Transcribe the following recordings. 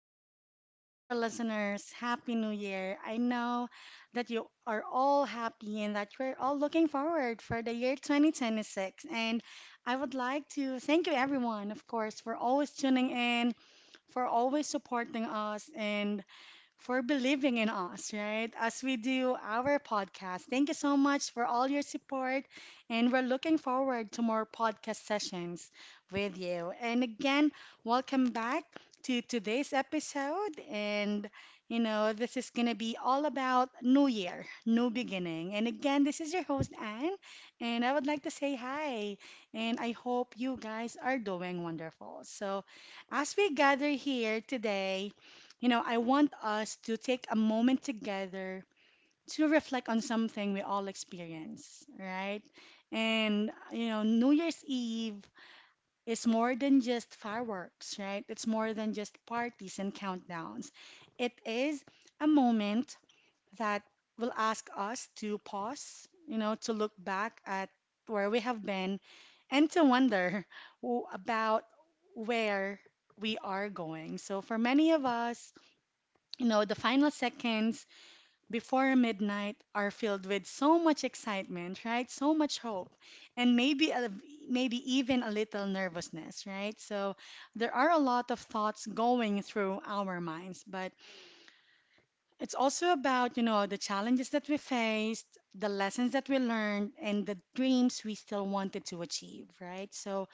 to greet all of our listeners. Happy New Year. I know that you are all happy and that you're all looking forward for the year 2026. And I would like to thank you, everyone, of course, for always tuning in, for always supporting us, and for believing in us, right? As we do our podcast. Thank you so much for all your support. And we're looking forward to more podcast sessions with you. And again, welcome back to today's episode. And, you know, this is going to be all about New Year, New Beginning. And again, this is your host, Anne. And I would like to say hi. And I hope you guys are doing wonderful. So, as we gather here today, you know, I want us to take a moment together to reflect on something we all experience, right? And, you know, New Year's Eve is more than just fireworks, right? It's more than just parties and countdowns. It is a moment that will ask us to pause, you know, to look back at where we have been and to wonder about where we are going. So, for many of us, you know, the final seconds before midnight are filled with so much excitement, right? So much hope, and maybe even a little nervousness, right? So there are a lot of thoughts going through our minds, but it's also about, you know, the challenges that we faced, the lessons that we learned, and the dreams we still wanted to achieve, right? So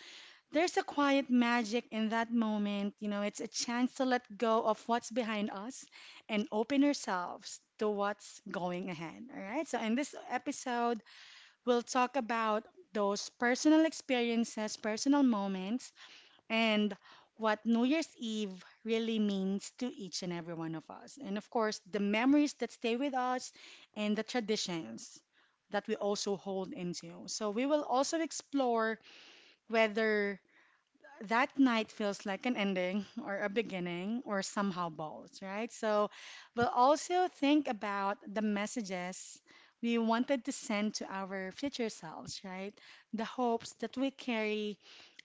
there's a quiet magic in that moment. You know, it's a chance to let go of what's behind us and open ourselves to what's going ahead. All right. So, in this episode, we'll talk about those personal experiences, personal moments, and what New Year's Eve really means to each and every one of us. And of course, the memories that stay with us and the traditions that we also hold into. So, we will also explore whether that night feels like an ending or a beginning or somehow both, right? So we'll also think about the messages we wanted to send to our future selves, right? The hopes that we carry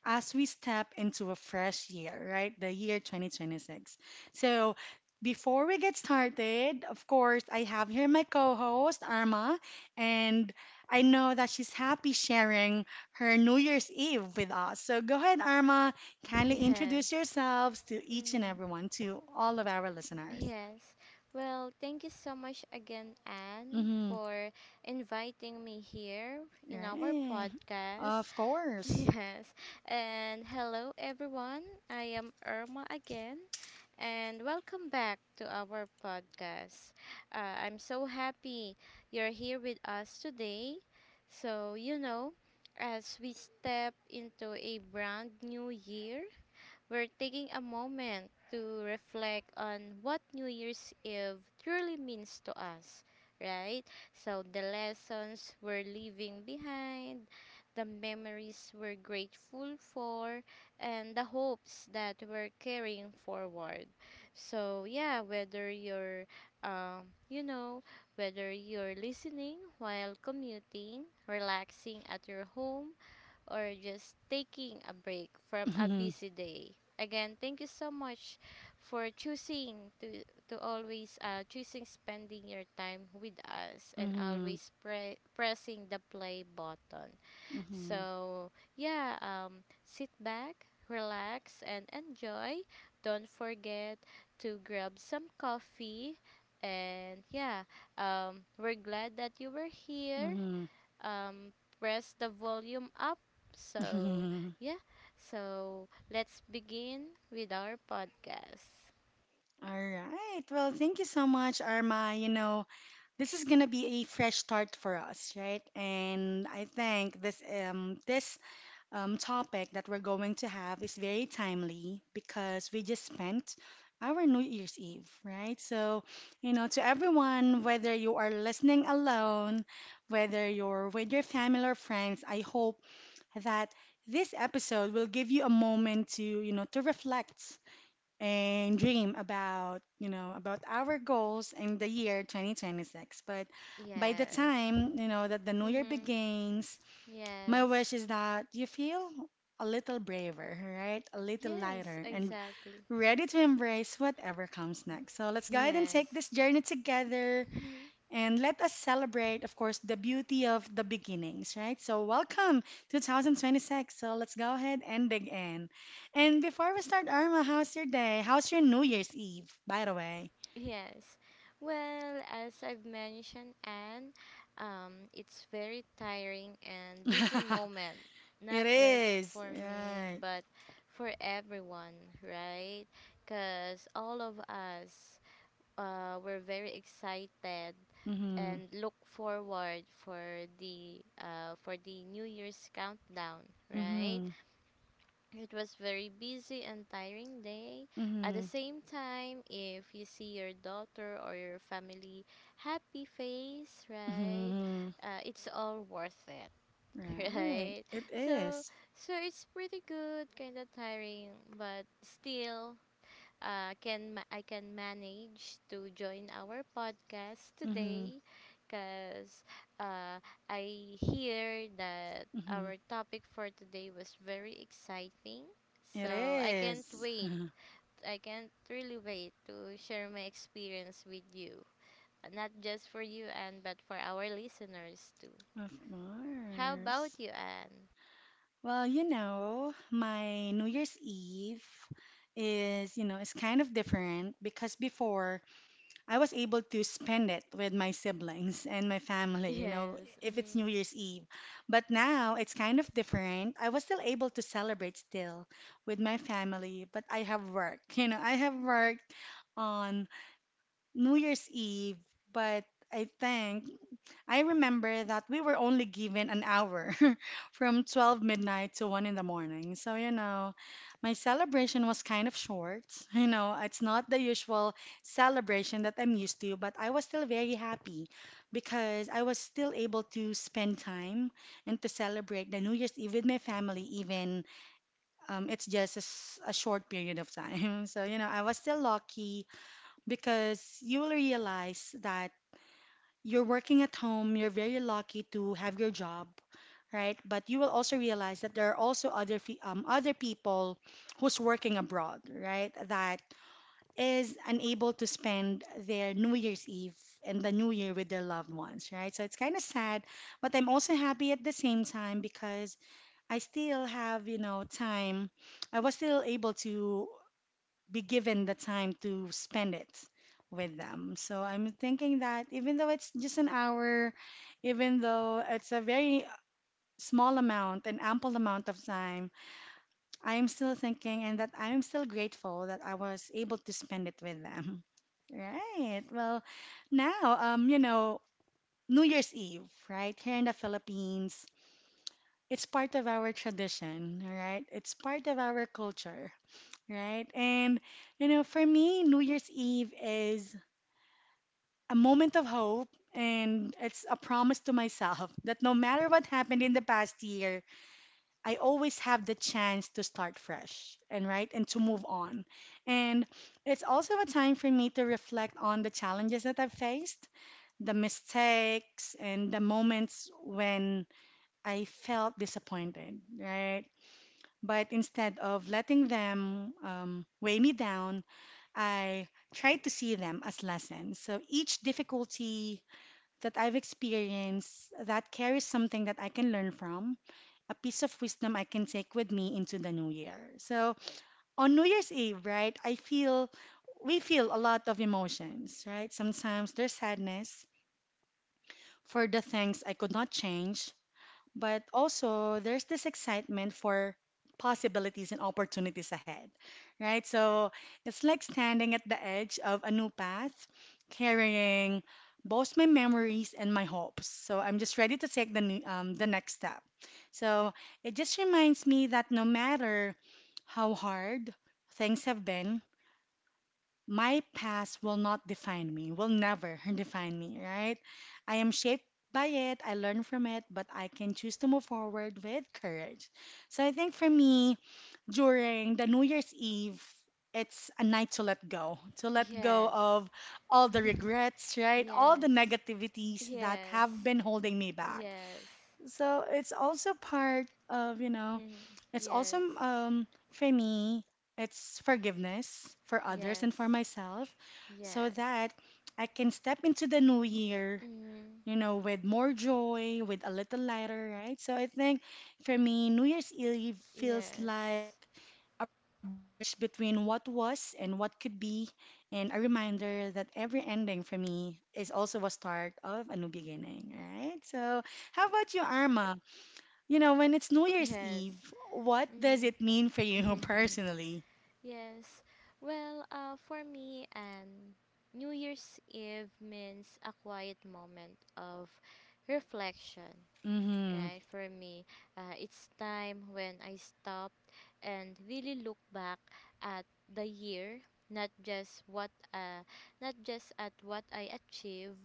as we step into a fresh year, right? The year 2026. So, before we get started, of course, I have here my co host, Arma, and I know that she's happy sharing her New Year's Eve with us. So, go ahead, Arma, kindly introduce Yes. yourselves to each and Mm, everyone, to all of our listeners. yes. Well, thank you so much again, Anne, Mm-hmm. for inviting me here in our Right. podcast. Of course. Yes. And hello, everyone. I am Irma again, and welcome back to our podcast. I'm so happy you're here with us today. So, as we step into a brand new year, we're taking a moment to reflect on what New Year's Eve truly means to us, right? So, the lessons we're leaving behind, the memories we're grateful for, and the hopes that we're carrying forward. So, yeah, um, you know, whether you're listening while commuting, relaxing at your home, or just taking a break from a Mm-hmm. busy day. Again, thank you so much for choosing to always choosing spending your time with us and Mm-hmm. always pressing the play button. So, yeah, sit back, relax and enjoy. Don't forget to grab some coffee, and yeah, we're glad that you were here, Mm-hmm. um, press the volume up. So, Mm-hmm. yeah. So, let's begin with our podcast. All right. Well, thank you so much, Arma. You know, this is gonna be a fresh start for us, right? And I think this topic that we're going to have is very timely because we just spent our New Year's Eve, right? So, you know, to everyone, whether you are listening alone, whether you're with your family or friends, I hope that this episode will give you a moment to, you know, to reflect and dream about, you know, about our goals in the year 2026. But by the Yes. time, you know, that the new year Mm-hmm. begins, my wish Yes. is that you feel a little braver, right? A little Yes, lighter and exactly. ready to embrace whatever comes next. So let's go ahead and Yes. take this journey together Mhm. and let us celebrate, of course, the beauty of the beginnings, right? So, welcome 2026. So, let's go ahead and dig in. And before we start, Arma, how's your day? How's your New Year's Eve, by the way? Yes. Well, as I've mentioned, and it's very tiring and busy moment, It not just is, for me, right. but for everyone, right? Because all of us, we're very excited Mm-hmm. and look forward for the New Year's countdown, right? Mm-hmm. It was very busy and tiring day. At the Mm-hmm. same time, if you see your daughter or your family happy face, right? Mm-hmm. It's all worth it, Right. right? It So is. so it's pretty good, kind of tiring, but still, I can manage to join our podcast Mm-hmm. today, because uh, I hear that Mm-hmm. our topic for today was very exciting. So It I can't is. wait. I can't really wait to share my experience with you. Not just for you, Anne, but for our listeners too. Of How course. about you, Anne? Well, you know, my New Year's Eve is, you know, is kind of different because before I was able to spend it with my siblings and my family, you know, Yes. if it's Mhm. New Year's Eve. But now it's kind of different. I was still able to celebrate still with my family, but I have work. You know, I have worked on New Year's Eve, but I think I remember that we were only given an hour from 12 midnight to 1 in the morning. So, you know, my celebration was kind of short. You know, it's not the usual celebration that I'm used to, but I was still very happy because I was still able to spend time and to celebrate the New Year's Eve with my family, even it's just a short period of time. So, you know, I was still lucky because you will realize that you're working at home, you're very lucky to have your job, right? But you will also realize that there are also other other people who's working abroad, right? That is unable to spend their New Year's Eve and the New Year with their loved ones, right? So it's kind of sad, but I'm also happy at the same time because I still have, you know, time. I was still able to be given the time to spend it with them. So I'm thinking that even though it's just an hour, even though it's a very small amount, an ample amount of time, I am still thinking and that I am still grateful that I was able to spend it with them. Right. Well, now, you know, New Year's Eve, right? Here in the Philippines, it's part of our tradition, all right? It's part of our culture, right? And you know, for me, New Year's Eve is a moment of hope and it's a promise to myself that no matter what happened in the past year, I always have the chance to start fresh and right and to move on. And it's also a time for me to reflect on the challenges that I've faced, the mistakes and the moments when I felt disappointed, right? But instead of letting them weigh me down, I tried to see them as lessons. So each difficulty that I've experienced that carries something that I can learn from, a piece of wisdom I can take with me into the new year. So on New Year's Eve, right, I feel we feel a lot of emotions, right? Sometimes there's sadness for the things I could not change, but also there's this excitement for possibilities and opportunities ahead, right? So it's like standing at the edge of a new path, carrying both my memories and my hopes. So I'm just ready to take the next step. So it just reminds me that no matter how hard things have been, my past will not define me, will never define me, right? I am shaped by it, I learn from it, but I can choose to move forward with courage. So I think for me, during the New Year's Eve, it's a night to let go Yes. of all the regrets, right? All the Yes. negativities that Yes. have been holding me back. Yes. So it's also part of, you know, it's also Yes, for me, it's forgiveness for others and yes, for myself so yes. that I can step into the new year, Mm, you know, with more joy, with a little lighter, right? So I think for me, New Year's Eve feels like yes, a bridge between what was and what could be, and a reminder that every ending for me is also a start of a new beginning, right? So, how about you, Arma? You know, when it's New Year's yes. Eve, what does Mm. it mean for you personally? Yes. Well, for me, and New Year's Eve means a quiet moment of reflection, Mm-hmm. right? For me, it's time when I stopped and really look back at the year, not just what uh, not just at what I achieve,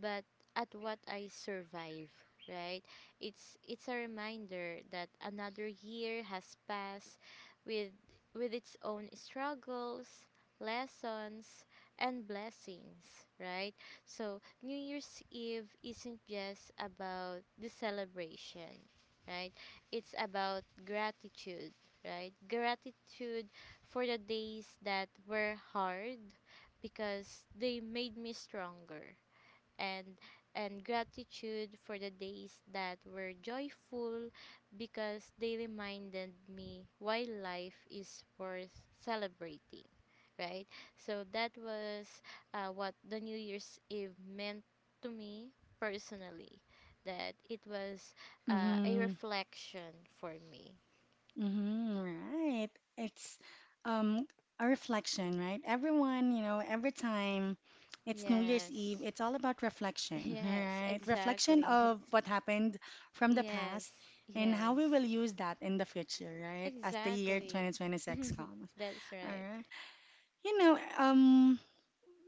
but at what I survive, right? It's a reminder that another year has passed with with its own struggles, lessons, and blessings, right? So New Year's Eve isn't just about the celebration, right? It's about gratitude, right? Gratitude for the days that were hard because they made me stronger, and and gratitude for the days that were joyful because they reminded me why life is worth celebrating, right. So that was what the New Year's Eve meant to me personally, that it was a Mm-hmm. reflection for me. Mm-hmm. Right. It's um a reflection, right? Everyone, you know, every time it's New Year's Eve, Yes. it's all about reflection, Yes, right? Reflection exactly. of what happened from the past Yes, and how we yes, will use that in the future, right? As the year exactly. 2026 comes. That's All right. right. You know,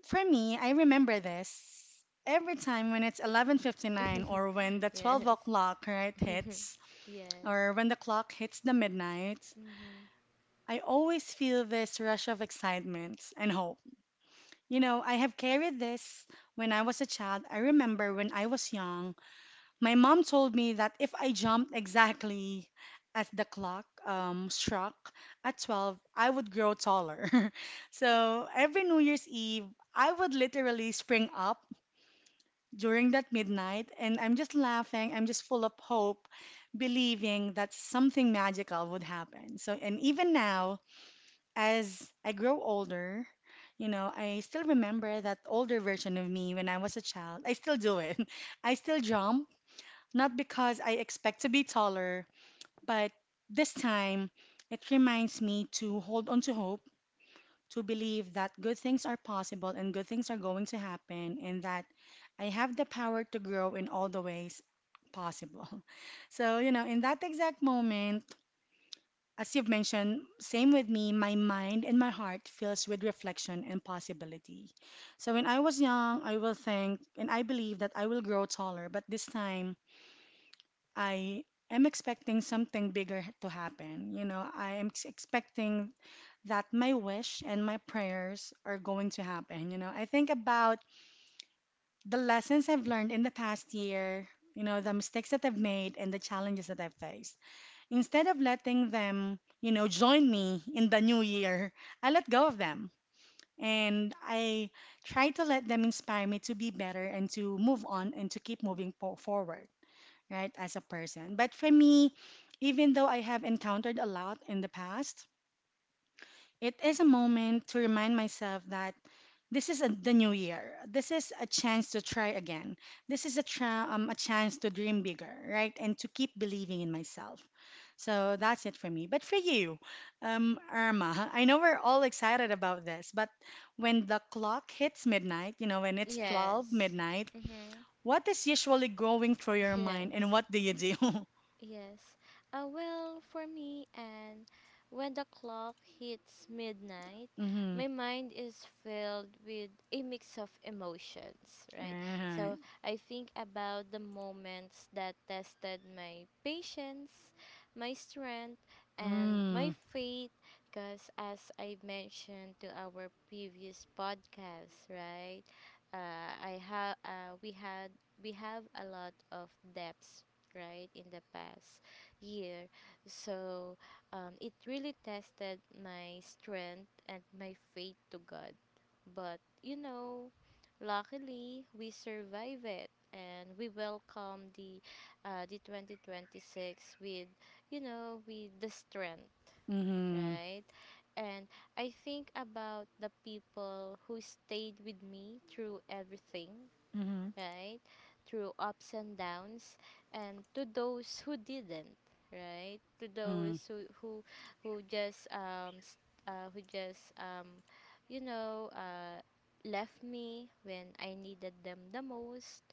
for me, I remember this. Every time when it's 11:59 or when the Yes. 12 o'clock right hits Yes. or when the clock hits the midnight, Mhm. I always feel this rush of excitement and hope. You know, I have carried this when I was a child. I remember when I was young, my mom told me that if I jumped exactly as the clock struck at 12, I would grow taller. So every New Year's Eve, I would literally spring up during that midnight, and I'm just laughing. I'm just full of hope, believing that something magical would happen. So, and even now, as I grow older, you know, I still remember that older version of me when I was a child. I still do it. I still jump, not because I expect to be taller, but this time it reminds me to hold on to hope to believe that good things are possible and good things are going to happen and that I have the power to grow in all the ways possible. So, in that exact moment, as you've mentioned, same with me, my mind and my heart fills with reflection and possibility. So when I was young, I will think and I believe that I will grow taller, but this time I am expecting something bigger to happen. You know, I am expecting that my wish and my prayers are going to happen. I think about the lessons I've learned in the past year, the mistakes that I've made and the challenges that I've faced. Instead of letting them, join me in the new year, I let go of them. And I try to let them inspire me to be better and to move on and to keep moving forward, right, as a person. But for me, even though I have encountered a lot in the past, it is a moment to remind myself that the new year. This is a chance to try again. This is a, tra- A chance to dream bigger, right? And to keep believing in myself. So that's it for me. But for you, Irma, I know we're all excited about this, but when the clock hits midnight, you know, when it's 12 Yes. midnight, Mhm. what is usually going through your mind and Yes. what do you do? Yes. Well, for me, and when the clock hits midnight, Mm-hmm. my mind is filled with a mix of emotions, right? Right. So I think about the moments that tested my patience, my strength, and my Mm-hmm. faith, because as I mentioned to our previous podcast, right? I have we had we have a lot of depths, right, in the past year. So it really tested my strength and my faith to God, but luckily we survive it and we welcome the 2026 with you know with the strength, Mm-hmm. right. And I think about the people who stayed with me through everything, Mm-hmm. right? Through ups and downs, and to those who didn't, right? To Mm-hmm. those who just you know uh left me when I needed them the most,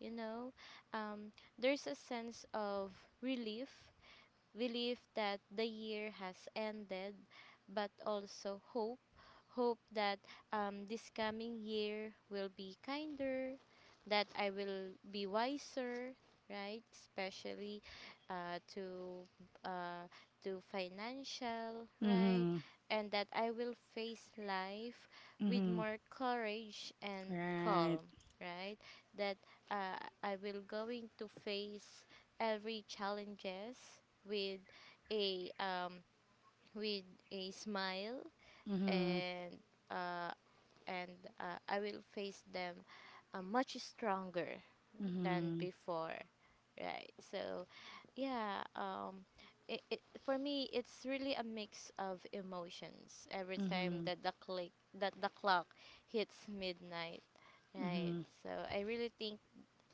you know. Um, there's a sense of relief belief that the year has ended, but also hope. Hope that this coming year will be kinder, that I will be wiser, right? Especially uh, to uh, to financial, right? Mhm. And that I will face life with Mhm. more courage and Right. calm, right? That I will going to face every challenges with a um, with a smile, Mhm. and uh, and I will face them much stronger than Mhm. before, right. So yeah, for me it's really a mix of emotions every time Mhm. that the click that the clock hits midnight, right. Mhm. So I really think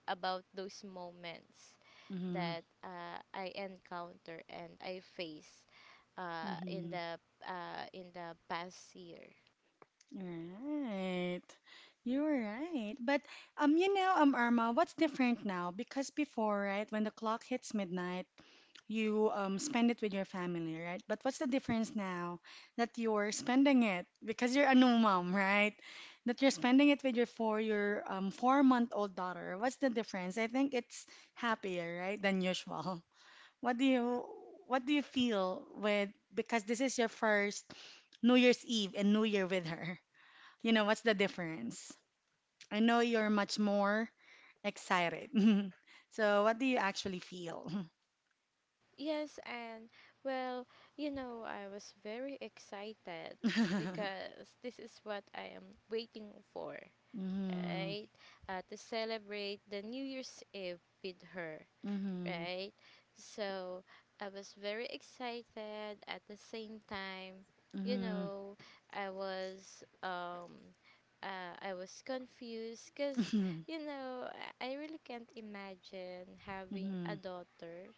about those moments Mhm. that I encounter and I face uh, in Mhm. the in the past year. Right. You're right. But Irma, what's different now? Because before, right, when the clock hits midnight, you spend it with your family, right? But what's the difference now that you're spending it because you're a new mom, right? That you're spending it with your 4-month old daughter. What's the difference? I think it's happier, right, than usual. What do you what do you feel with because this is your first New Year's Eve and New Year with her? You know, what's the difference? I know you're much more excited. So what do you actually feel? Yes, and well, I was very excited because this is what I am waiting for, Mm-hmm. right? To celebrate the New Year's Eve with her, Mm-hmm. right? So I was very excited at the same time. You Mm-hmm. know, I was um I was confused, cuz you know, I I really can't imagine having Mm-hmm. a daughter,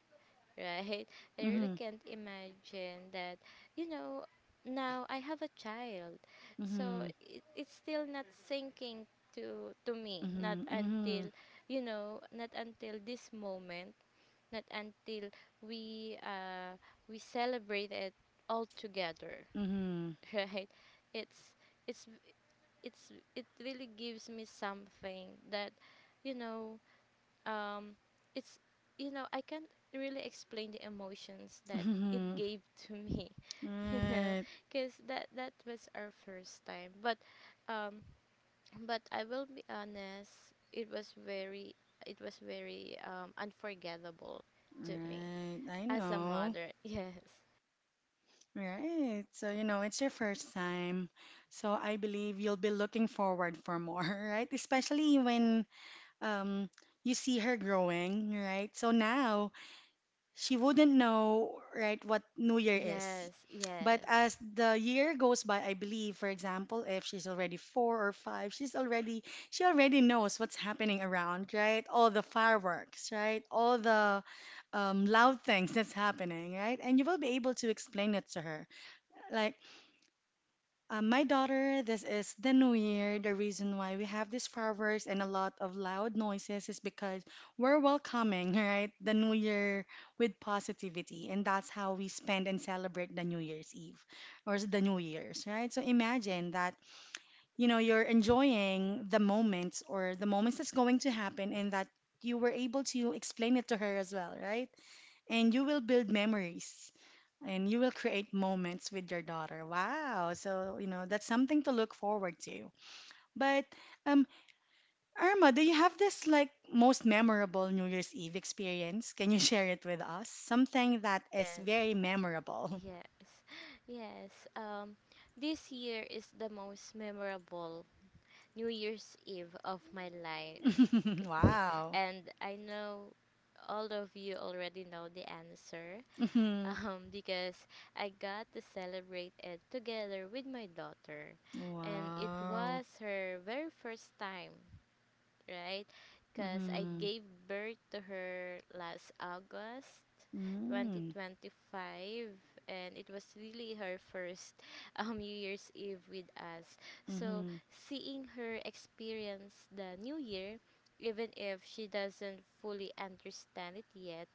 right? I really Mm-hmm. can't imagine that, you know, now I have a child. So Mm-hmm. it's still not sinking to me, not Mm-hmm. Mm-hmm. until, not until this moment, not until we uh, we celebrate it all together, Mm-hmm. right? It's it's it really gives me something that you know um it's you know I can't really explain the emotions that it Mm-hmm. gave to me, you know Right. because that was our first time. But um I will be honest, it was very, unforgettable to me Right. I as a know. mother. Yes, Right. So, you know, it's your first time. So I believe you'll be looking forward for more, right? Especially when um you see her growing, right? So now she wouldn't know, right, what New Year is. yes, But yes, as the year goes by, I believe, for example, if she's already four or five, she already knows what's happening around, right? All the fireworks, right? All the loud things that's happening, right? And you will be able to explain it to her. Like my daughter, this is the new year. The reason why we have these fireworks and a lot of loud noises is because we're welcoming, right? The new year with positivity. And that's how we spend and celebrate the New Year's Eve or the New Year's, right? So imagine that, you know, you're enjoying the moments or the moments that's going to happen and that you were able to explain it to her as well, right? And you will build memories and you will create moments with your daughter. Wow. So, you know, that's something to look forward to. But um Irma, do you have this like most memorable New Year's Eve experience? Can you share it with us? Something that is yes, very memorable. yes, yes. This year is the most memorable New Year's Eve of my life, Wow. and I know all of you already know the answer. Mhm. Because I got to celebrate it together with my daughter, and it Wow. was her very first time, right? Because I Mhm. gave birth to her last August Mm. 2025, and it was really her first, New Year's Eve with us. So Mhm. seeing her experience the New Year, even if she doesn't fully understand it yet,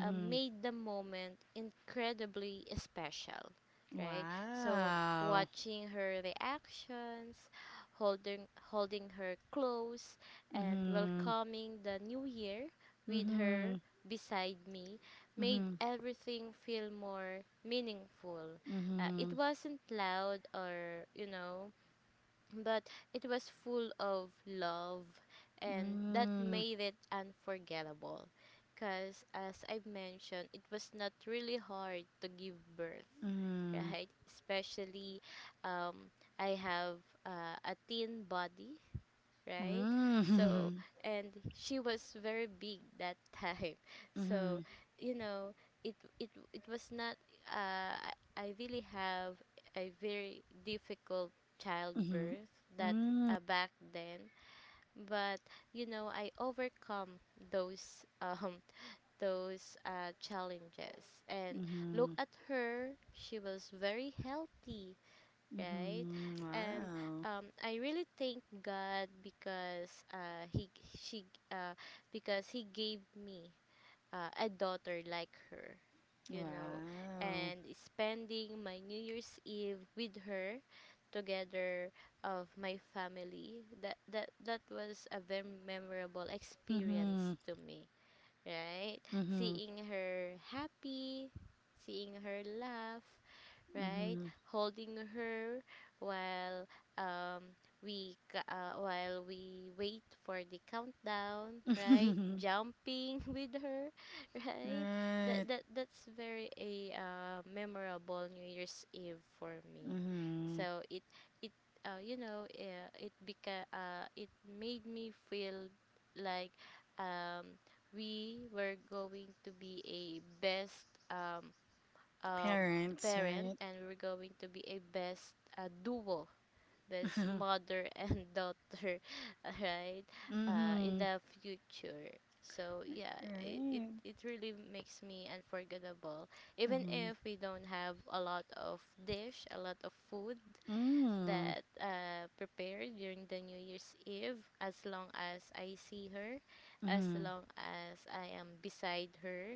made the moment incredibly special, right? So Wow. watching her reactions, holding her close, and Mhm. welcoming the new year with her Mhm. beside me made Mhm. everything feel more meaningful. It Mhm. wasn't loud, or but it was full of love, and that Mm. made it unforgettable, because as I've mentioned, it was not really hard to give birth, Mhm. right, especially, um, I have a thin body, right? So, Mm. and she was very big that time. So, Mhm. you know, it was not, uh I really have a very difficult Mhm. childbirth that, Mm. Back then, but, I overcome those those challenges, and look Mhm. at her, she was very healthy, right? Mhm. And, Wow. I really thank God because he she uh, because he gave me a daughter like her, you know, Wow. and spending my New Year's Eve with her together of my family, that was a very memorable experience Mhm. to me, right, Mhm. seeing her happy, seeing her laugh, right? Mhm. Holding her while um, we wait for the countdown, right? Jumping with her, right? That Right. that that's very a memorable New Year's Eve for me. Mhm. So it you know it beca- it made me feel like, um, we were going to be a best um, Parents, parent, right? and we're going to be a best duo, best mother and daughter, right, in Mhm. the future. So yeah, it, it Right. it really makes me unforgettable, even Mhm. if we don't have a lot of food Mm. that prepared during the New Year's Eve. As long as I see her, as Mhm. long as I am beside her,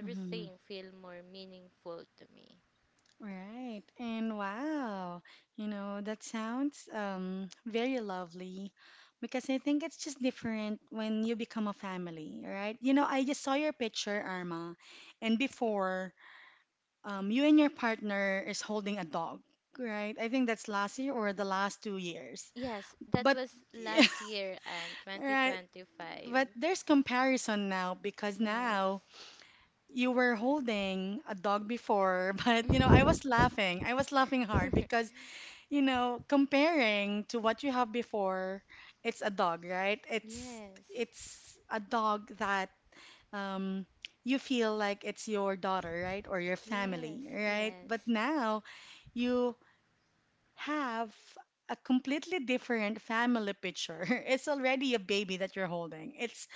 Mhm. feel more meaningful to me. Right. And wow, you know, that sounds very lovely because I think it's just different when you become a family, right? You know, I just saw your picture, Arma, and before, you and your partner is holding a dog, right? I think that's last year or the last 2 years. Yes, that But was last year and right, 2025. but there's comparison now because Yes. now you were holding a dog before, but you know, I was laughing. I was laughing hard because you know, comparing to what you have before, it's a dog, right? Yes. It's a dog that um you feel like it's your daughter, right? Or your Yes. family, right? But Yes. now you have a completely different family picture. It's already a baby that you're holding. It's,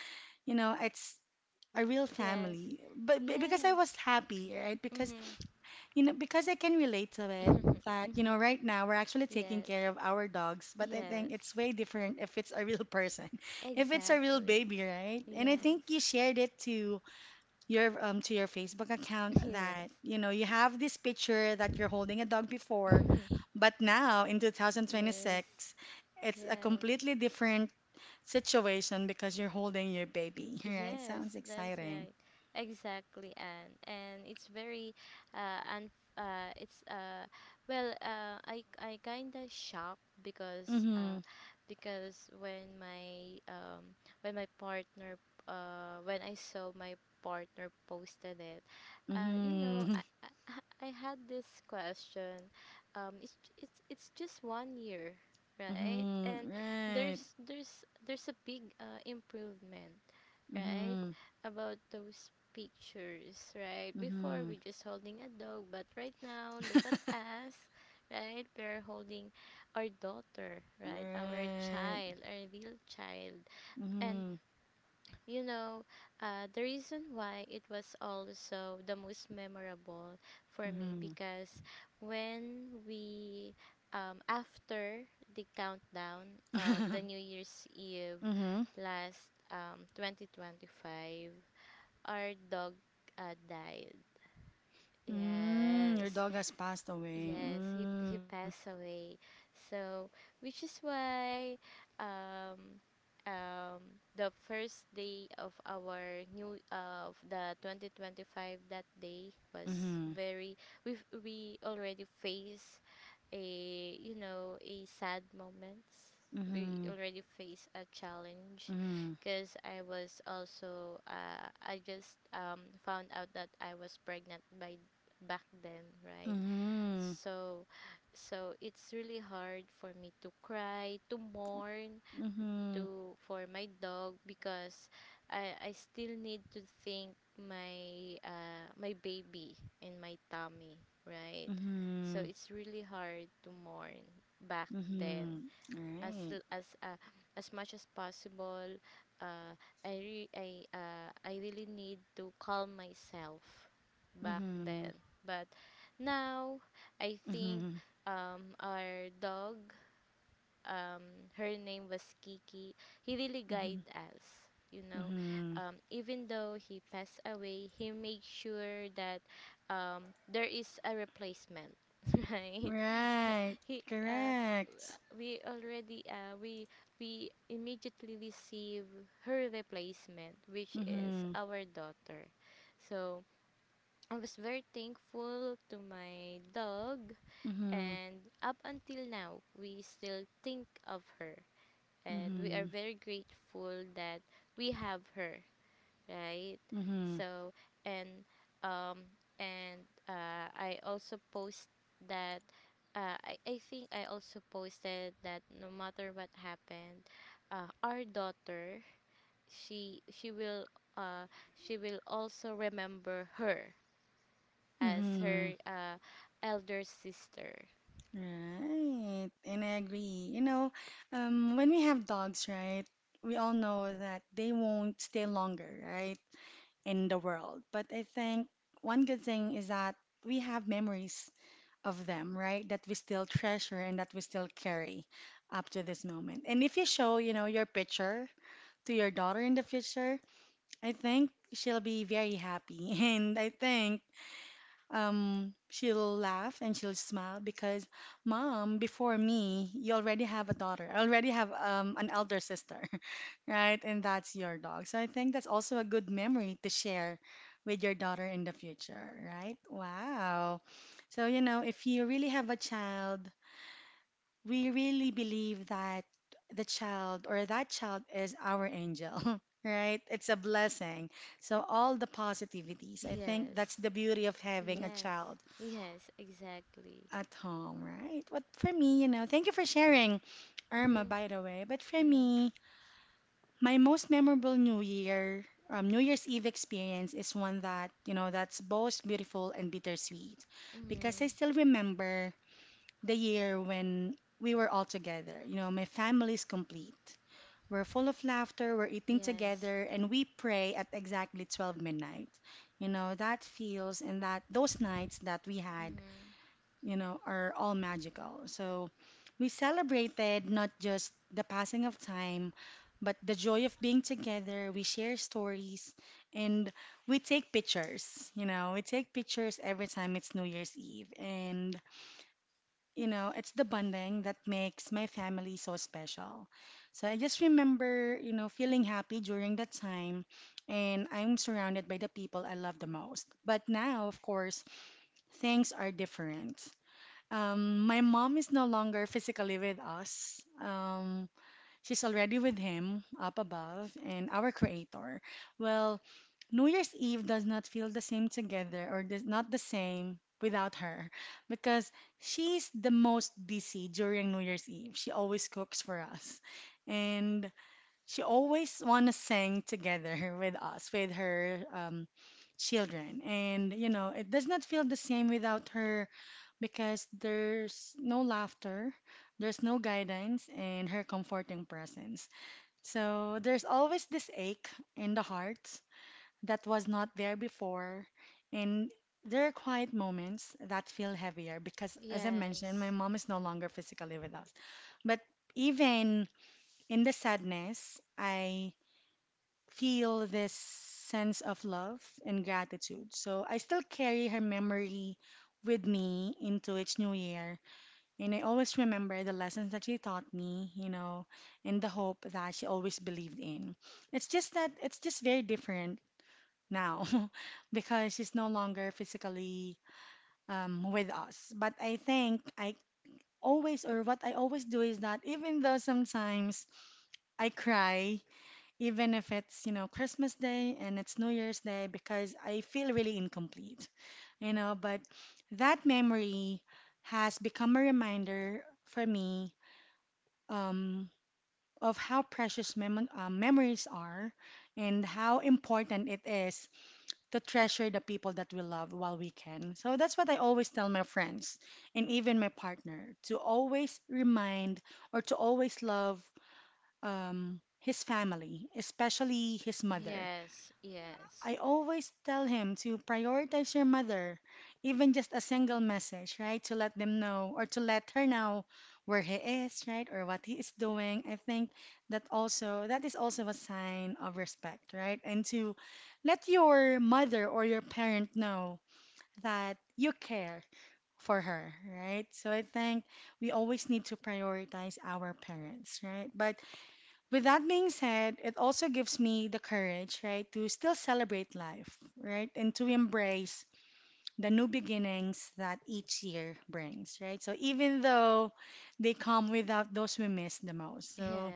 you know, it's a Y- real yes. family. But because I Yes. was happy, right? Because Mhm. you know, because I can relate to it Mhm. that, you know, Mhm. right now we're actually taking Yes. care of our dogs, but I think Yes. it's way different if it's a real person, if it's a real Exactly. baby, right? And I think Yes. you shared it to your Facebook account Yes. that, you know, you have this picture that you're holding a dog before, but now in Yes. 2026, it's a Yes. completely different situation because you're holding your baby, right? Yes, Sounds that's exciting. right. Exactly, and it's very, and it's well, I kinda shocked, Mm-hmm. Because when my partner when I saw my partner posted it, uh, you know, Mm-hmm. I I, I had this question, it's just one year, right? Mm-hmm. And Right. there's a big improvement, right? Mm-hmm. About those pictures, right? Before Mm-hmm. we just holding a dog, but right now look at us, right? We're holding our daughter, right? Our Right. child, our real child. And Mm-hmm. you know, the reason why it was also the most memorable for me, Mm-hmm. because when we after the countdown of the New Year's Eve, Mm-hmm. last 2025, our dog died. Mm, your Yes, dog has passed away. yes, he Mm. passed away. So, which is why, um, um, the first day of our new of the 2025, that day was Mm-hmm. very we already faced a a sad moments, we Mm-hmm. already face a challenge Mm-hmm. because I was also I just found out that I was pregnant by back then, right? So so it's really hard for me to cry, to mourn, Mm-hmm. Mm-hmm. to for my dog because I still need to think my my baby and my tummy, right? So it's really hard to mourn back then. Mm-hmm. Mm-hmm. As Right. l- as uh, as much as possible, uh, I re- I really need to calm myself back Mm-hmm. then. But now I think Mm-hmm. Our dog, her name was Kiki. He really Mm-hmm. guide us, you know. Mm-hmm. Even though he passed away, he made sure that um, there is a replacement, right? Right. He Correct. we already we immediately receive her replacement, which is Mm-hmm. our daughter. So I was very thankful to my dog, Mm-hmm. and up until now, we still think of her and we Mm-hmm. are very grateful that we have her, right? Mm-hmm. So and um and I also post that I think I also posted that no matter what happened, our daughter, she will uh, she will also remember her as Mm-hmm. her elder sister. Right, and I agree. You know, when we have dogs, right, we all know that they won't stay longer, right, in the world. But I think one good thing is that we have memories of them, right, that we still treasure and that we still carry up to this moment. And if you show, you know, your picture to your daughter in the future, I think she'll be very happy. And I think she'll laugh and she'll smile because, Mom, before me, you already have a daughter. I already have an elder sister, right? And that's your dog. So I think that's also a good memory to share with your daughter in the future, right? Wow. So, you know, if you really have a child, we really believe that the child or that child is our angel, right? It's a blessing. So, all the positivities, I think that's Yes, the beauty of having a yes, child yes, exactly. at home, right? But for me, you know, thank you for sharing, Irma, Hmm. by the way. But for Yes. me, my most memorable New Year's Eve experience is one that, you know, that's both beautiful and bittersweet because I Mm-hmm. still remember the year when we were all together. You know, my family is complete. We're full of laughter, we're eating Yes. together, and we pray at exactly 12 midnight. You know, that feels and that those nights that we had Mm-hmm. you know, are all magical. So we celebrated not just the passing of time, but the joy of being together. We share stories and we take pictures. You know, we take pictures every time it's New Year's Eve. And, you know, it's the bonding that makes my family so special. So I just remember, you know, feeling happy during that time. And I'm surrounded by the people I love the most. But now, of course, things are different. My mom is no longer physically with us. She's already with him up above and our creator. Well, New Year's Eve does not feel the same together or does not the same without her because she's the most busy during New Year's Eve. She always cooks for us and she always wanna sing together with us, with her children. And you know, it does not feel the same without her because there's no laughter, there's no guidance, and her comforting presence. So there's always this ache in the heart that was not there before, and there are quiet moments that feel heavier because, as I mentioned, my Yes. mom is no longer physically with us. But even in the sadness, I feel this sense of love and gratitude. So I still carry her memory with me into each new year and I always remember the lessons that she taught me, you know, and the hope that she always believed in. It's just very different now because she's no longer physically with us. But I think I always, or what I always do is that even though sometimes I cry, even if it's, you know, Christmas Day and it's New Year's Day, because I feel really incomplete, you know, but that memory has become a reminder for me um, of how precious memories are and how important it is to treasure the people that we love while we can. So that's what I always tell my friends and even my partner to always remind or to always love his family, especially his mother. Yes. I Yes. always tell him to prioritize your mother, even just a single message, right? To let them know or to let her know where he is, right? Or what he is doing. I think that also that is also a sign of respect, right? And to let your mother or your parent know that you care for her, right? So I think we always need to prioritize our parents, right? But with that being said, it also gives me the courage, right, to still celebrate life, right, and to embrace the new beginnings that each year brings, right? So even though they come without those we miss the most. So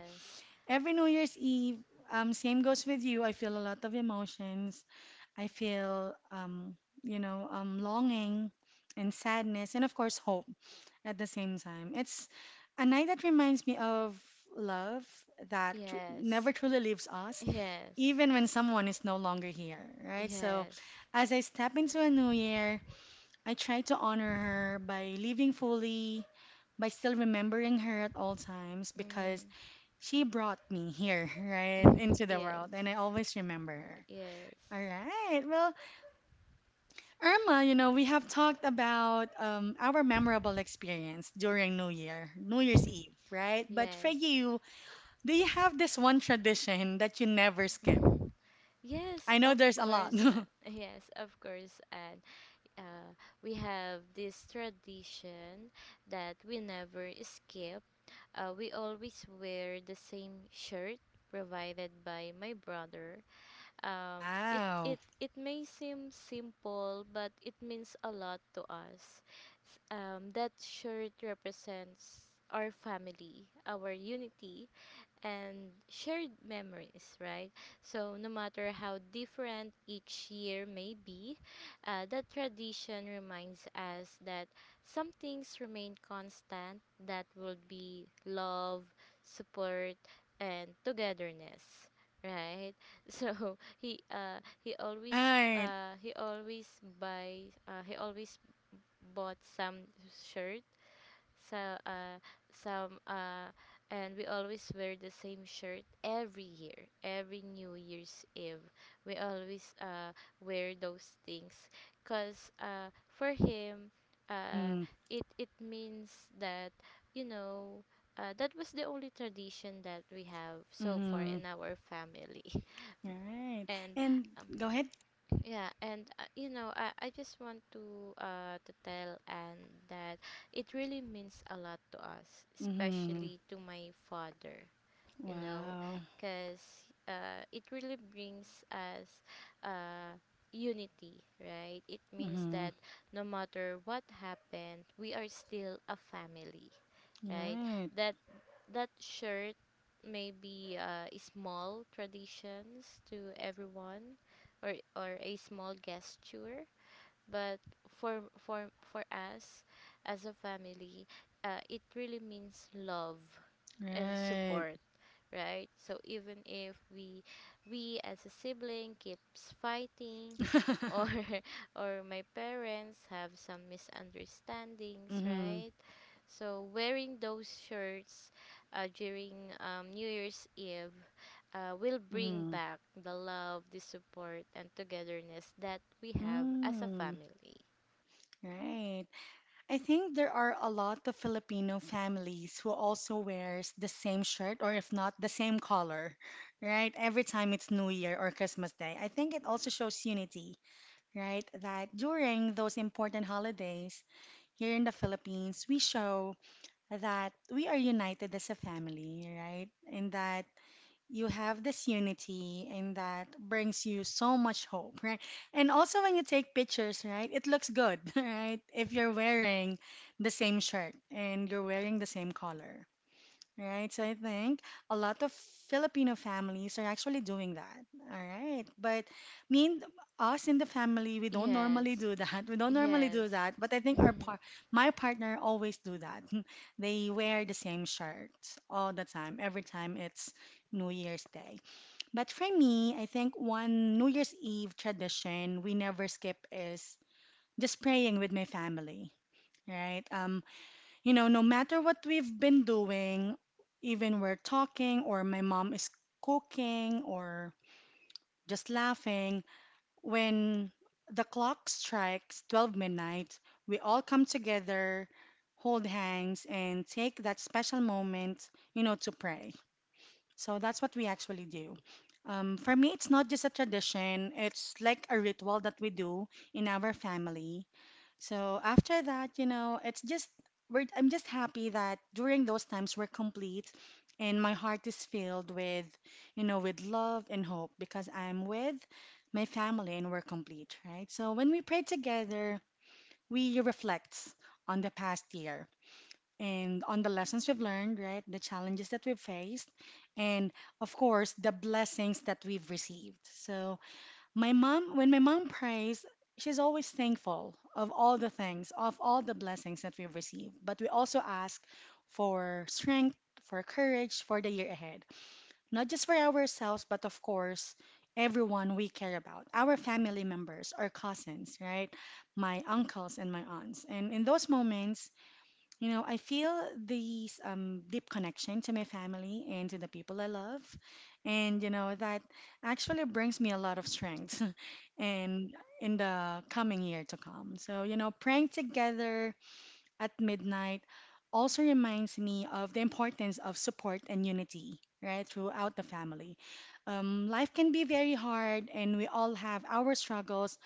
every New Year's Eve, same goes with you. I feel a lot of emotions. I feel, longing and sadness, and of course, hope at the same time. It's a night that reminds me of love Yes. never truly leaves us, Yes. Yes. even when someone is no longer here, right? So, Yes. as I step into a new year, I try to honor her by living fully, by still remembering her at all times because Mm-hmm. she brought me here, right, into the world, yes. and I always remember her. Yes. All right. Well, Irma, you know, we have talked about our memorable experience during New Year, New Year's Mhm. Eve, right? But for Yes. you, do you have this one tradition that you never skip? Mhm. Yes, I know of there's a lot. course. And yes, of course. And uh, we have this tradition that we never skip. We always wear the same shirt provided by my brother. It Wow. it it may seem simple, but it means a lot to us. That shirt represents our family, our unity, and shared memories, right? So, no matter how different each year may be, that tradition reminds us that some things remain constant, that will be love, support, and togetherness, right? So, Right. He always buys he always bought some shirt, so some and we always wear the same shirt every year, every New Year's Eve. We always wear those things, cuz for him, uh Mm-hmm. it means that, you know, that was the only tradition that we have so far Mm-hmm. in our family. Right. And And um, go ahead. yeah, and you know, I just want to tell Anne that it really means a lot to us, Mm-hmm. especially to my father, you know, Wow. because it really brings us uh unity, right? It means Mm-hmm. that no matter what happened, we are still a family, right? Right. That that shirt may be a small traditions to everyone, or a small gesture, but for us as a family, it really means love and Right. support, right? So even if we as a sibling keeps fighting or or my parents have some misunderstandings, Mm-hmm. right? So wearing those shirts during New Year's Eve will bring Mm-hmm. back the love, the support, and togetherness that we have as a Mm. family. Right. I think there are a lot of Filipino families who also wears the same shirt or if not the same color, right? Every time it's New Year or Christmas Day. I think it also shows unity, right? That during those important holidays here in the Philippines, we show that we are united as a family, right? In that you have this unity and that brings you so much hope, right, and also when you take pictures, right, it looks good right if you're wearing the same shirt and you're wearing the same color. Right, so I think a lot of Filipino families are actually doing that. All right, but me and us in the family, we don't normally Yes, do that. We don't normally do yes, that, but I think our par my partner always do that. They wear the same shirt all the time, every time it's New Year's Day. But for me, I think one New Year's Eve tradition we never skip is just praying with my family. Right? You know, no matter what we've been doing, even we're talking or my mom is cooking or just laughing, when the clock strikes 12 midnight, we all come together, hold hands, and take that special moment, you know, to pray. So that's what we actually do. For me, it's not just a tradition, it's like a ritual that we do in our family, so after that, you know, it's just I'm just happy that during those times we're complete and my heart is filled with, you know, with love and hope because I'm with my family and we're complete, right? So when we pray together, we reflect on the past year and on the lessons we've learned, right? The challenges that we've faced and of course the blessings that we've received. So when my mom prays, she's always thankful of all the things, of all the blessings that we've received. But we also ask for strength, for courage for the year ahead, not just for ourselves, but of course, everyone we care about, our family members, our cousins, right? My uncles and my aunts. And in those moments, you know, I feel this deep connection to my family and to the people I love. And, you know, that actually brings me a lot of strength and in the coming year to come. So, you know, praying together at midnight also reminds me of the importance of support and unity, right, throughout the family. Life can be very hard and we all have our struggles,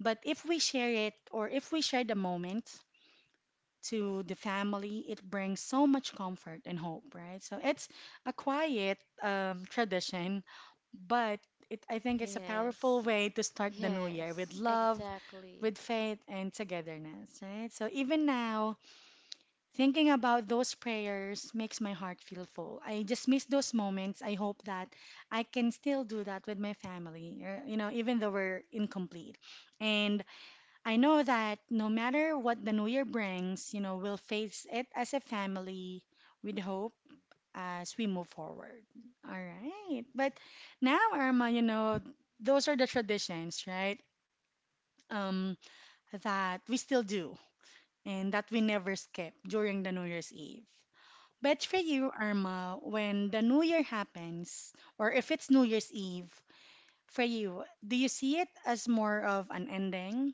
but if we share it or if we share the moment, to the family. It brings so much comfort and hope, right? So it's a quiet tradition, but I think it's a powerful yes, way to start the new year yes, with love, exactly. with faith, and togetherness, right? So even now, thinking about those prayers makes my heart feel full. I just miss those moments. I hope that I can still do that with my family, or, you know, even though we're incomplete. And I know that no matter what the new year brings, you know, we'll face it as a family with hope as we move forward. All right. But now, Irma, you know, those are the traditions, right? Um, that we still do and that we never skip during the New Year's Eve. But for you, Irma, when the New Year happens, or if it's New Year's Eve, for you, do you see it as more of an ending,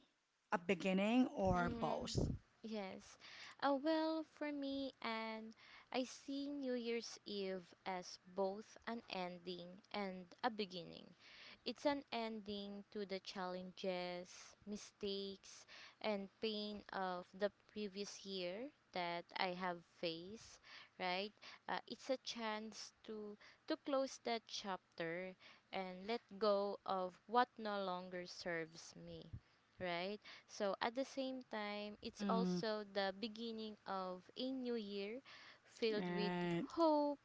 a beginning, or both? Mhm. Yes. Well, for me, and I see New Year's Eve as both an ending and a beginning. It's an ending to the challenges, mistakes, and pain of the previous year that I have faced, right? It's a chance to close that chapter and let go of what no longer serves me, right? So at the same time, it's Mhm. also the beginning of a new year filled with Right. hope,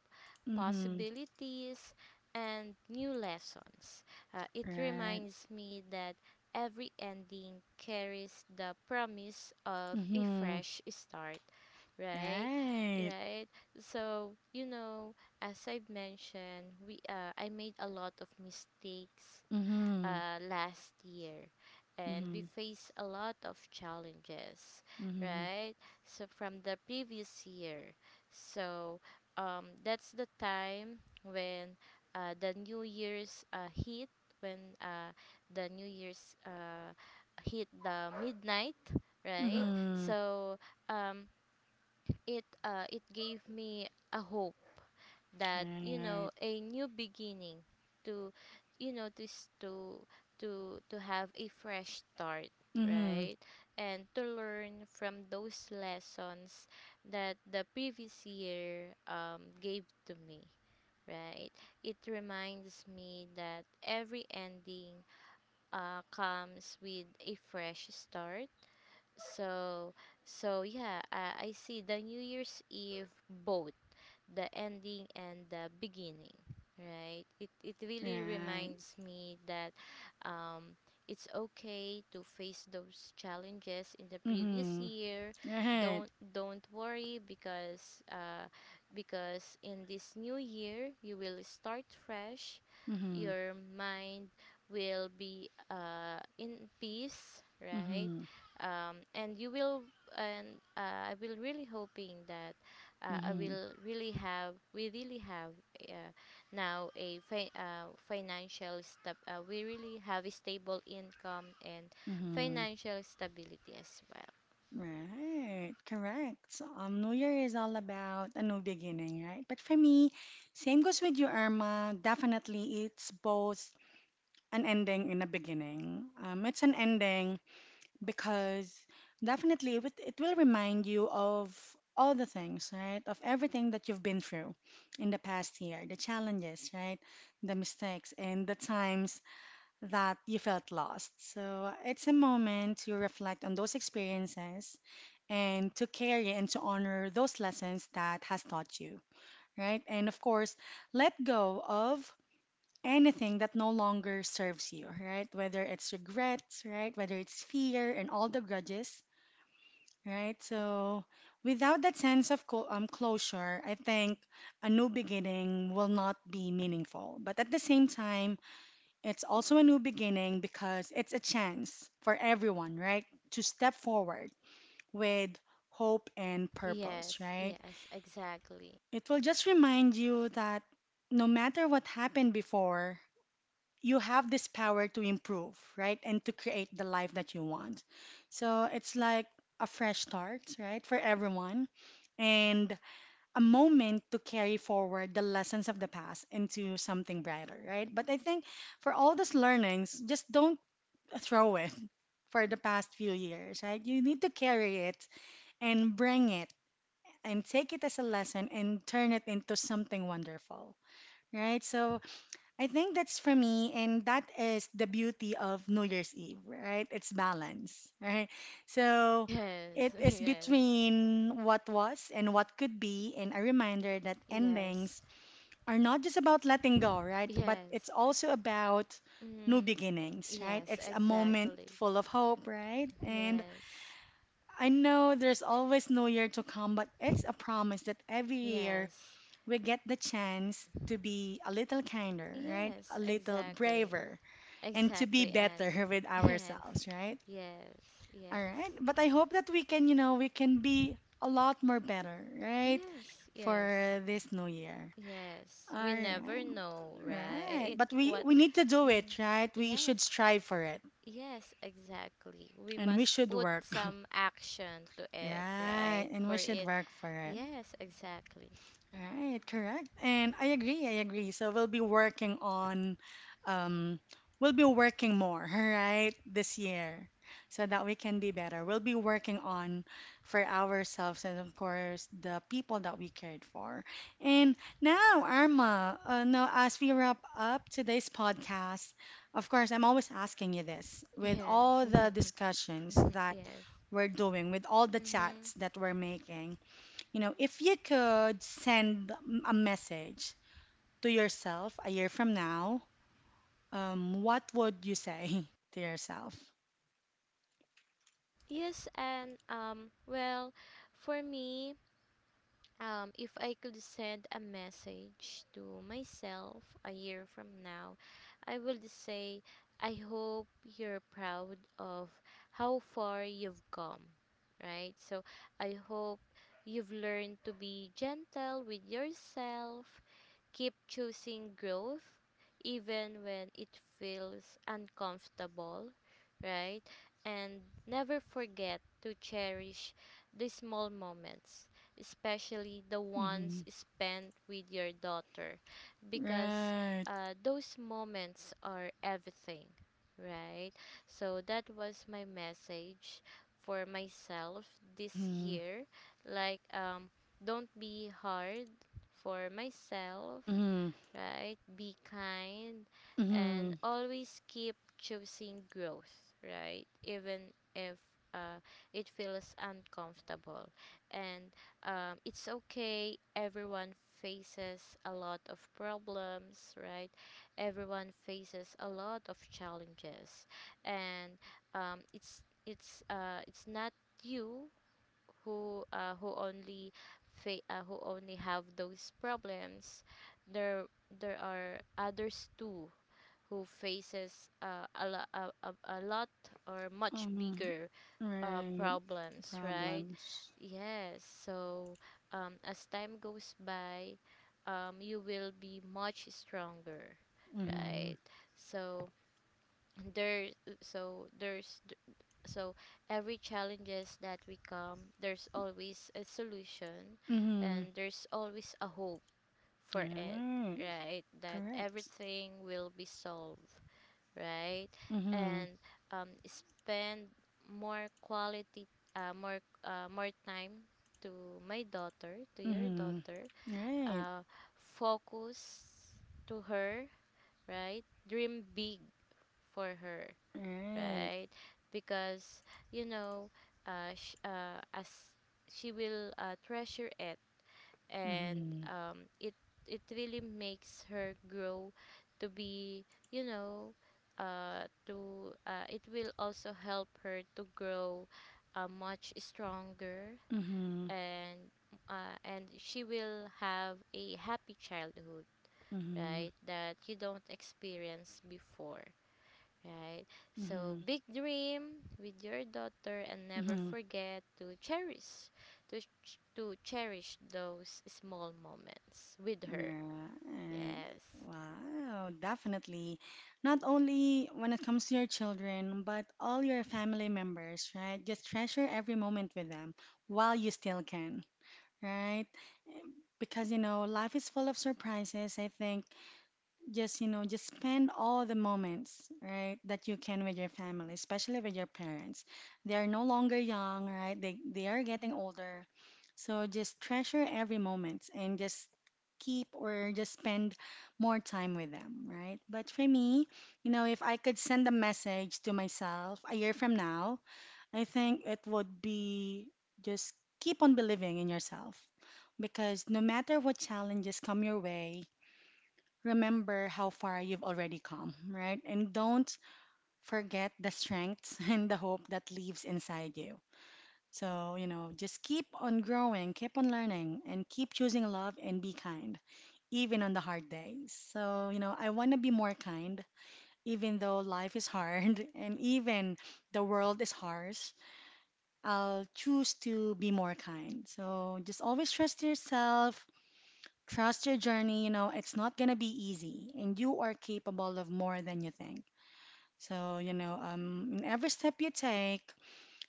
Mhm. possibilities, and new lessons. It Right. reminds me that every ending carries the promise of a Mhm. fresh start, right? Right. Right. So you know, as I've mentioned, we I made a lot of mistakes Mhm. Last year and we Mhm. face a lot of challenges, Mhm. right, so from the previous year. So that's the time when uh, the new year's uh, hit when uh, the new year's hit the midnight, right. Mhm. So um, it gave me a hope that, you know, Right. a new beginning to, you know, this to have a fresh start, Mhm. right, and to learn from those lessons that the previous year gave to me, right. It reminds me that every ending comes with a fresh start. So, so yeah, I see the New Year's Eve both the ending and the beginning, right. It it, really Right. reminds me that um, it's okay to face those challenges in the previous Mhm. year. Right. Don't don't worry because in this new year you will start fresh. Mhm. Your mind will be in peace, right. Mhm. And you will and I will really hoping that I Mhm. will really have we really have uh, now a fi- financial stab we really have a stable income and Mhm. financial stability as well. Right. Correct. So, New Year is all about a new beginning, right? But for me, same goes with you, Irma. Definitely, it's both an ending and a beginning. It's an ending because it will remind you of all the things, right? Of everything that you've been through in the past year, the challenges, right? The mistakes and the times that you felt lost. So it's a moment to reflect on those experiences and to carry and to honor those lessons that has taught you, right? And of course, let go of anything that no longer serves you, right? Whether it's regrets, right? Whether it's fear and all the grudges. Right? So, without that sense of closure, I think a new beginning will not be meaningful. But at the same time, it's also a new beginning because it's a chance for everyone, right, to step forward with hope and purpose, Yes, right? yes, exactly. It will just remind you that no matter what happened before, you have this power to improve, right? And to create the life that you want. So it's like a fresh start, right? For everyone. And a moment to carry forward the lessons of the past into something brighter, right? But I think for all those learnings, just don't throw it for the past few years, right? You need to carry it and bring it and take it as a lesson and turn it into something wonderful, right? So I think that's for me, and that is the beauty of New Year's Eve, right? It's balance, right? So Yes, it is yes, between what was and what could be, and a reminder that yes, endings are not just about letting go, right? But it's yes. also about new Mm, beginnings, right? yes, It's a moment exactly. full of hope, right? And Yes, I know there's always no year to come, but it's a promise that every year yes, we get the chance to be a little kinder, right? A yes, little exactly. braver and to be Exactly, and better with yes, ourselves, right? yes, All yes. right. But I hope that we can, you know, we can be a lot more better, right? Yes, yes, For this new year. yes. All We never right. know, Right. right? But we What? we need to do Mhm. it, right? We Yes, should strive for it yes, exactly. We and we must should put work. some action to it, Right. right? And we For should it. work for it. Yes, exactly. Right, correct. And I agree, I agree. So we'll be working on, um, we'll be working more, right, this year so that we can be better. We'll be working on for ourselves and, of course, the people that we cared for. And now, Arma, now as we wrap up today's podcast, of course, I'm always asking you this with all Yes, the discussions Mhm, that yes. we're doing, with all the Mm-hmm. chats that we're making. You know, if you could send a message to yourself a year from now, what would you say to yourself? Yes, and well, for me, um, if I could send a message to myself a year from now, I would say, I hope you're proud of how far you've come, right? So I hope you've learned to be gentle with yourself, keep choosing growth even when it feels uncomfortable, right? And never forget to cherish the small moments, especially the ones Mm-hmm. spent with your daughter, because Right. Those moments are everything, right? So that was my message for myself this Mm-hmm. year. Like, don't be hard for myself, Mm-hmm. right? Be kind Mm-hmm. and always keep choosing growth, right? Even if uh, it feels uncomfortable. And it's okay, everyone faces a lot of problems, right? Everyone faces a lot of challenges. And it's not you who uh, who only who only have those problems. there there are others too who faces a, lo- a lot or much Um, bigger right. problems, right. Problems. Yes, so as time goes by, you will be much stronger, Mm-hmm. right. so there so there's so Every challenges that we come, there's always a solution Mm-hmm. and there's always a hope for it, Right. right, that Correct. everything will be solved, right. Mm-hmm. And spend more quality more time to your Mm-hmm. daughter. Right. uh, Focus to her, right, dream big for her, Right. right? Because you know, as she will treasure it, and Mm-hmm. um, it it really makes her grow to be, you know, to it will also help her to grow much stronger, Mm-hmm. and and she will have a happy childhood, Mm-hmm. right, that you don't experience before, right? So Mm-hmm. big dream with your daughter and never Mm-hmm. forget to cherish, to cherish those small moments with her. Right. Yes. Wow, definitely. Not only when it comes to your children, but all your family members, right? Just treasure every moment with them while you still can, right? Because, you know, life is full of surprises, I think. Just, you know, just spend all the moments, right, that you can with your family, especially with your parents. They are no longer young, right? They are getting older. So just treasure every moment and just keep or just spend more time with them, right? But for me, you know, if I could send a message to myself a year from now, I think it would be just keep on believing in yourself because no matter what challenges come your way, remember how far you've already come, right? And don't forget the strengths and the hope that lives inside you. So, just keep on growing, keep on learning, and keep choosing love and be kind, even on the hard days. So, I want to be more kind, even though life is hard and even the world is harsh. I'll choose to be more kind. So, just always trust yourself, trust your journey. It's not going to be easy, and you are capable of more than you think. So, in every step you take,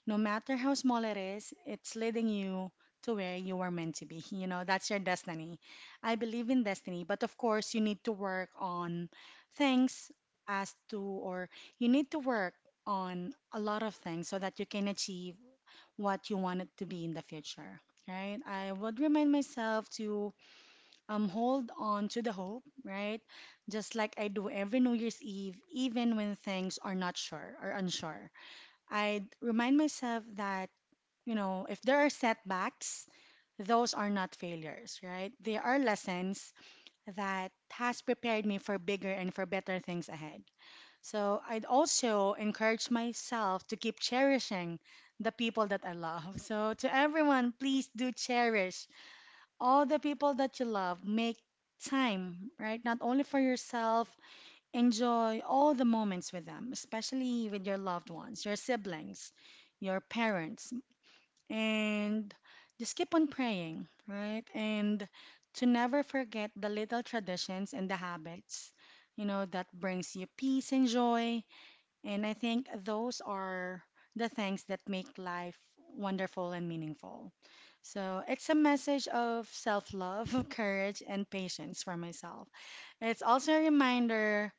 no matter how small it is, it's leading you to where you are meant to be. That's your destiny. I believe in destiny, but of course, you need to work on things as to, or you need to work on a lot of things so that you can achieve what you want it to be in the future. Right? I would remind myself to hold on to the hope, right? Just like I do every New Year's Eve, even when things are not sure or unsure. I remind myself that, if there are setbacks, those are not failures, right? They are lessons that has prepared me for bigger and for better things ahead. So I'd also encourage myself to keep cherishing the people that I love. So to everyone, please do cherish all the people that you love. Make time, right? Not only for yourself, enjoy all the moments with them, especially with your loved ones, your siblings, your parents, and just keep on praying, right? And to never forget the little traditions and the habits, that brings you peace and joy, and I think those are the things that make life wonderful and meaningful. So it's a message of self love, courage, and patience for myself. It's also a reminder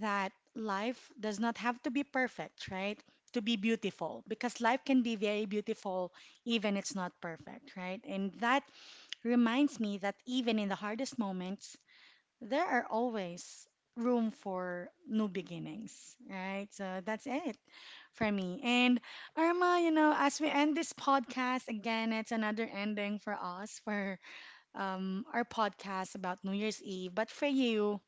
that life does not have to be perfect, right? To be beautiful, because life can be very beautiful even it's not perfect, right? And that reminds me that even in the hardest moments, there are always room for new beginnings, right? So that's it for me. And Irma, as we end this podcast, again, it's another ending for us for our podcast about New Year's Eve. But for you,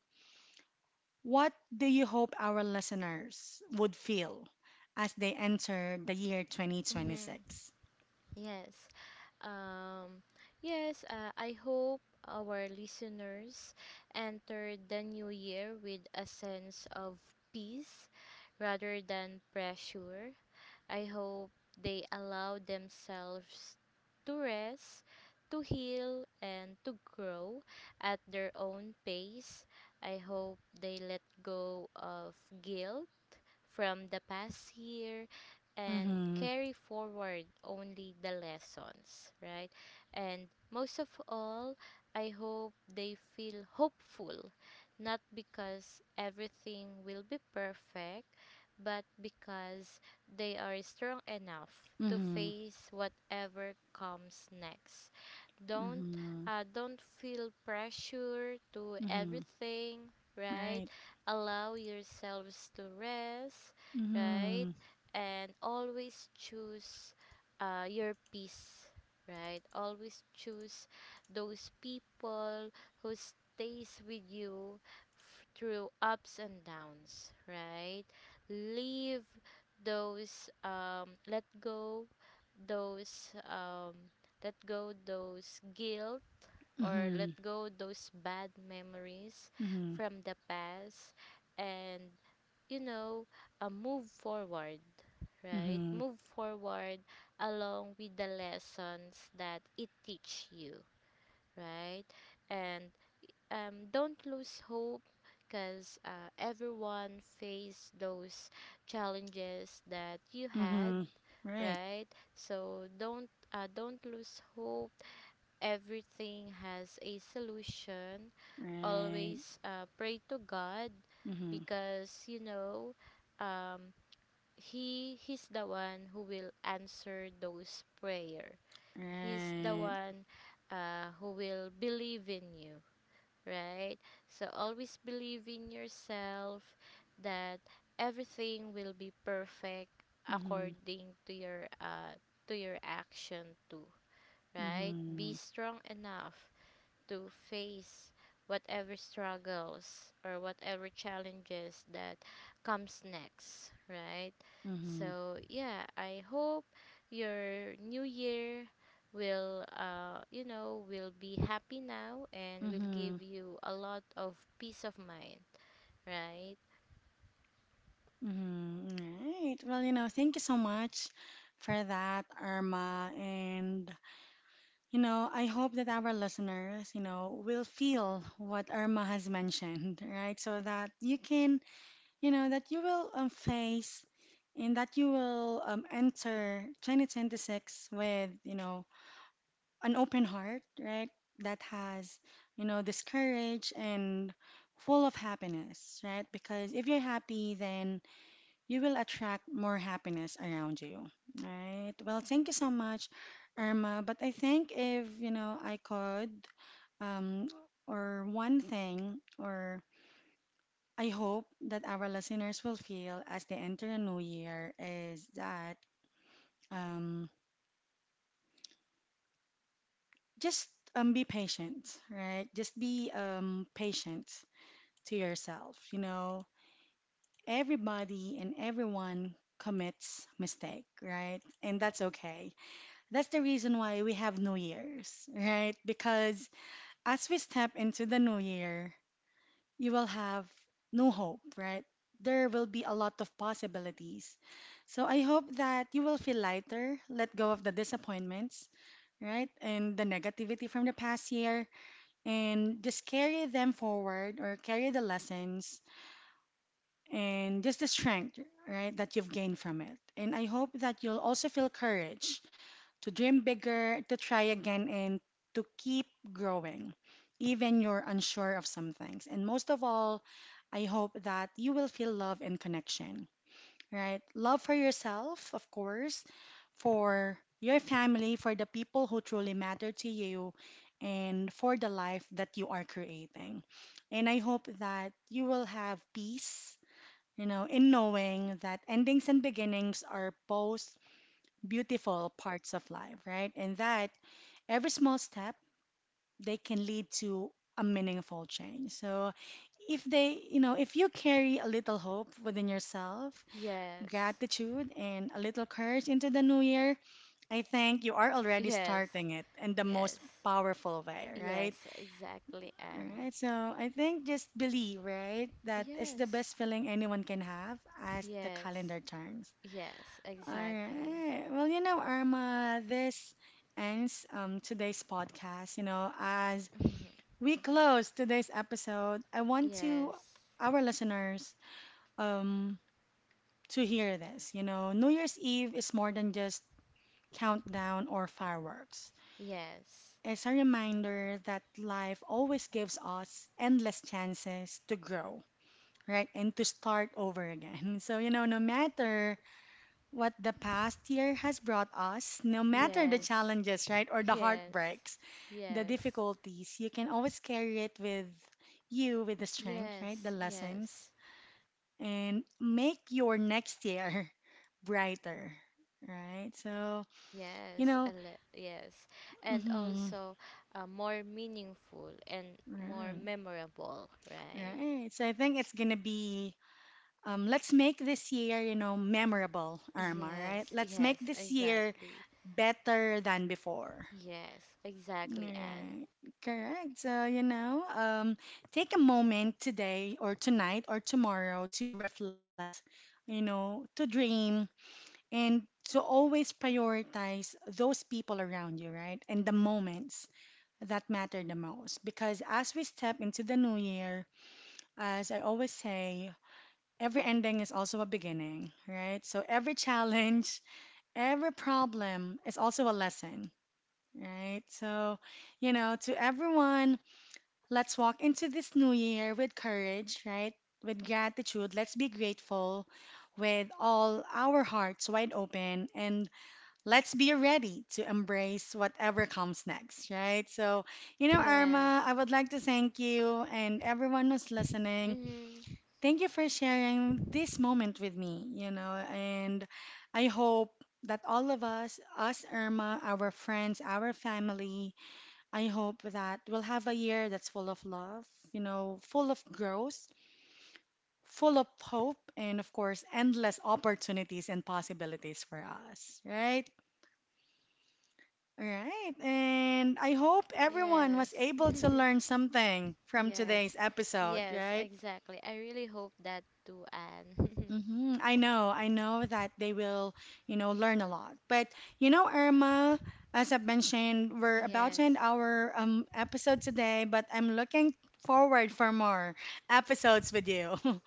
what do you hope our listeners would feel as they enter the year Mm-hmm. 2026? Yes. Um, yes, I hope our listeners enter the new year with a sense of peace rather than pressure. I hope they allow themselves to rest, to heal, and to grow at their own pace. I hope they let go of guilt from the past year and Mm-hmm. carry forward only the lessons, right? And most of all, I hope they feel hopeful, not because everything will be perfect, but because they are strong enough to Mm-hmm. face whatever comes next. Don't Mm-hmm. Don't feel pressure to Mm-hmm. everything, right, Right. allow yourselves to rest, right, Mm-hmm. and always choose your peace, right, always choose those people who stays with you through ups and downs, right. Leave those let go those let go those guilt or Mm-hmm. let go those bad memories Mm-hmm. from the past, and you know, move forward, right, Mm-hmm. move forward along with the lessons that it teach you, right. And don't lose hope because everyone face those challenges that you had, Mm-hmm. Right. right. So don't lose hope, everything has a solution. Right. Always pray to God Mm-hmm. because you know, um, he's the one who will answer those prayer, he's the Right. one who will believe in you, right? So always believe in yourself that everything will be perfect Mm-hmm. according to your action too, right? Be Mm-hmm. strong enough to face whatever struggles or whatever challenges that comes next, right? Mm-hmm. So, yeah, I hope your new year will you know will be happy now and will Mm-hmm. give you a lot of peace of mind, right? Mm-hmm. Right. Well, thank you so much for that, Irma. And, I hope that our listeners, will feel what Irma has mentioned, right? So that you can, that you will face, and that you will enter 2026 with, an open heart, right? That has, this courage and full of happiness, right? Because if you're happy, then you will attract more happiness around you. All right. Well, thank you so much, Irma. But I think if, I could, um, or one thing, or I hope that our listeners will feel as they enter a new year is that um, just be patient, right? Just be patient to yourself. Everybody and everyone commits mistake, right? And that's okay. That's the reason why we have New Year's, right? Because as we step into the new year, you will have new hope, right? There will be a lot of possibilities. So I hope that you will feel lighter, let go of the disappointments, right? And the negativity from the past year, and just carry them forward or carry the lessons and just the strength, right, that you've gained from it. And I hope that you'll also feel courage to dream bigger, to try again, and to keep growing, even you're unsure of some things. And most of all, I hope that you will feel love and connection, right? Love for yourself, of course, for your family, for the people who truly matter to you, and for the life that you are creating. And I hope that you will have peace, in knowing that endings and beginnings are both beautiful parts of life, right? And that every small step, they can lead to a meaningful change. So if they, if you carry a little hope within yourself, Yes. gratitude and a little courage into the new year, I think you are already Yes. starting it in the most Yes. powerful way, right? Yes, exactly, All and right. So I think just believe, right? That is the yes. best feeling anyone can have as the Yes. calendar turns. Yes, All exactly. right. Well, Irma, this ends today's podcast. As we close today's episode, I want to Yes, our listeners um, to hear this. New Year's Eve is more than just countdown or fireworks. yes, It's a reminder that life always gives us endless chances to grow, right? And to start over again. So, no matter what the past year has brought us, no matter the yes, challenges, right, or the yes, heartbreaks, the yes, difficulties, you can always carry it with you with the strength, right, the yes, lessons, yes, and make your next year brighter, right? So, you yes, know, yes, and mhm, also more meaningful and more right, memorable, right? right. So I think it's gonna be. Let's make this year, memorable, Irma, right? Yes, Let's make yes, this year exactly. better than before. Yes, exactly, and Right. Correct. So, take a moment today or tonight or tomorrow to reflect, to dream and to always prioritize those people around you, right? And the moments that matter the most. Because as we step into the new year, as I always say, every ending is also a beginning, right? So every challenge, every problem is also a lesson, right? So, to everyone, let's walk into this new year with courage, right? With gratitude. Let's be grateful with all our hearts wide open and let's be ready to embrace whatever comes next, right? So, yes, Irma, I would like to thank you and everyone who's listening. mm, Thank you for sharing this moment with me, and I hope that all of us, Irma, our friends, our family, I hope that we'll have a year that's full of love, full of growth, full of hope, and of course, endless opportunities and possibilities for us, right? All right. And I hope everyone was yes, able to learn something from today's yes, episode, yes, right? exactly. I really hope that too, Anne. Mm-hmm. I know that they will, learn a lot. But Irma, as I've mentioned, we're about to end yes. our episode today, but I'm looking forward for more episodes with you. All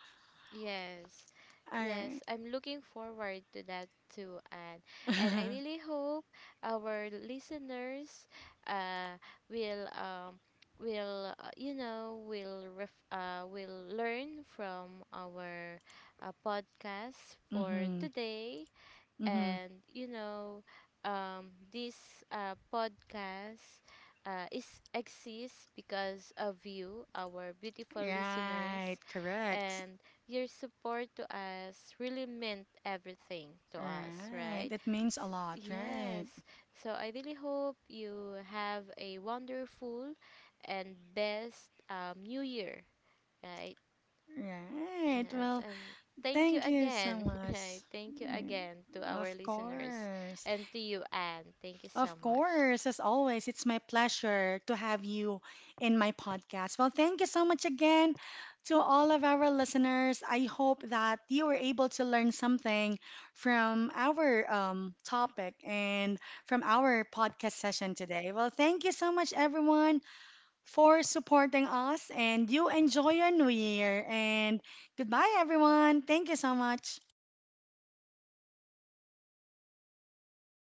Yes. right. Yes, I'm looking forward to that too, and I really hope our listeners uh will you know will will learn from our podcast for Mm-hmm. today, Mm-hmm. and you know, this podcast is exists because of you, our beautiful listeners, Right, correct. and your support to us really meant everything to us, Right. right. It means a lot, Yes, right? so I really hope you have a wonderful and best new year, right. Right. Yes, Well, and thank you thank you so again. much. Right. Thank you Mm. again to our Of listeners course. and to you, Anne. Thank you so Of much. course, as always, it's my pleasure to have you in my podcast. Well, thank you so much again to all of our listeners. I hope that you were able to learn something from our topic and from our podcast session today. Well, thank you so much, everyone, for supporting us, and you enjoy your new year. And goodbye, everyone. Thank you so much.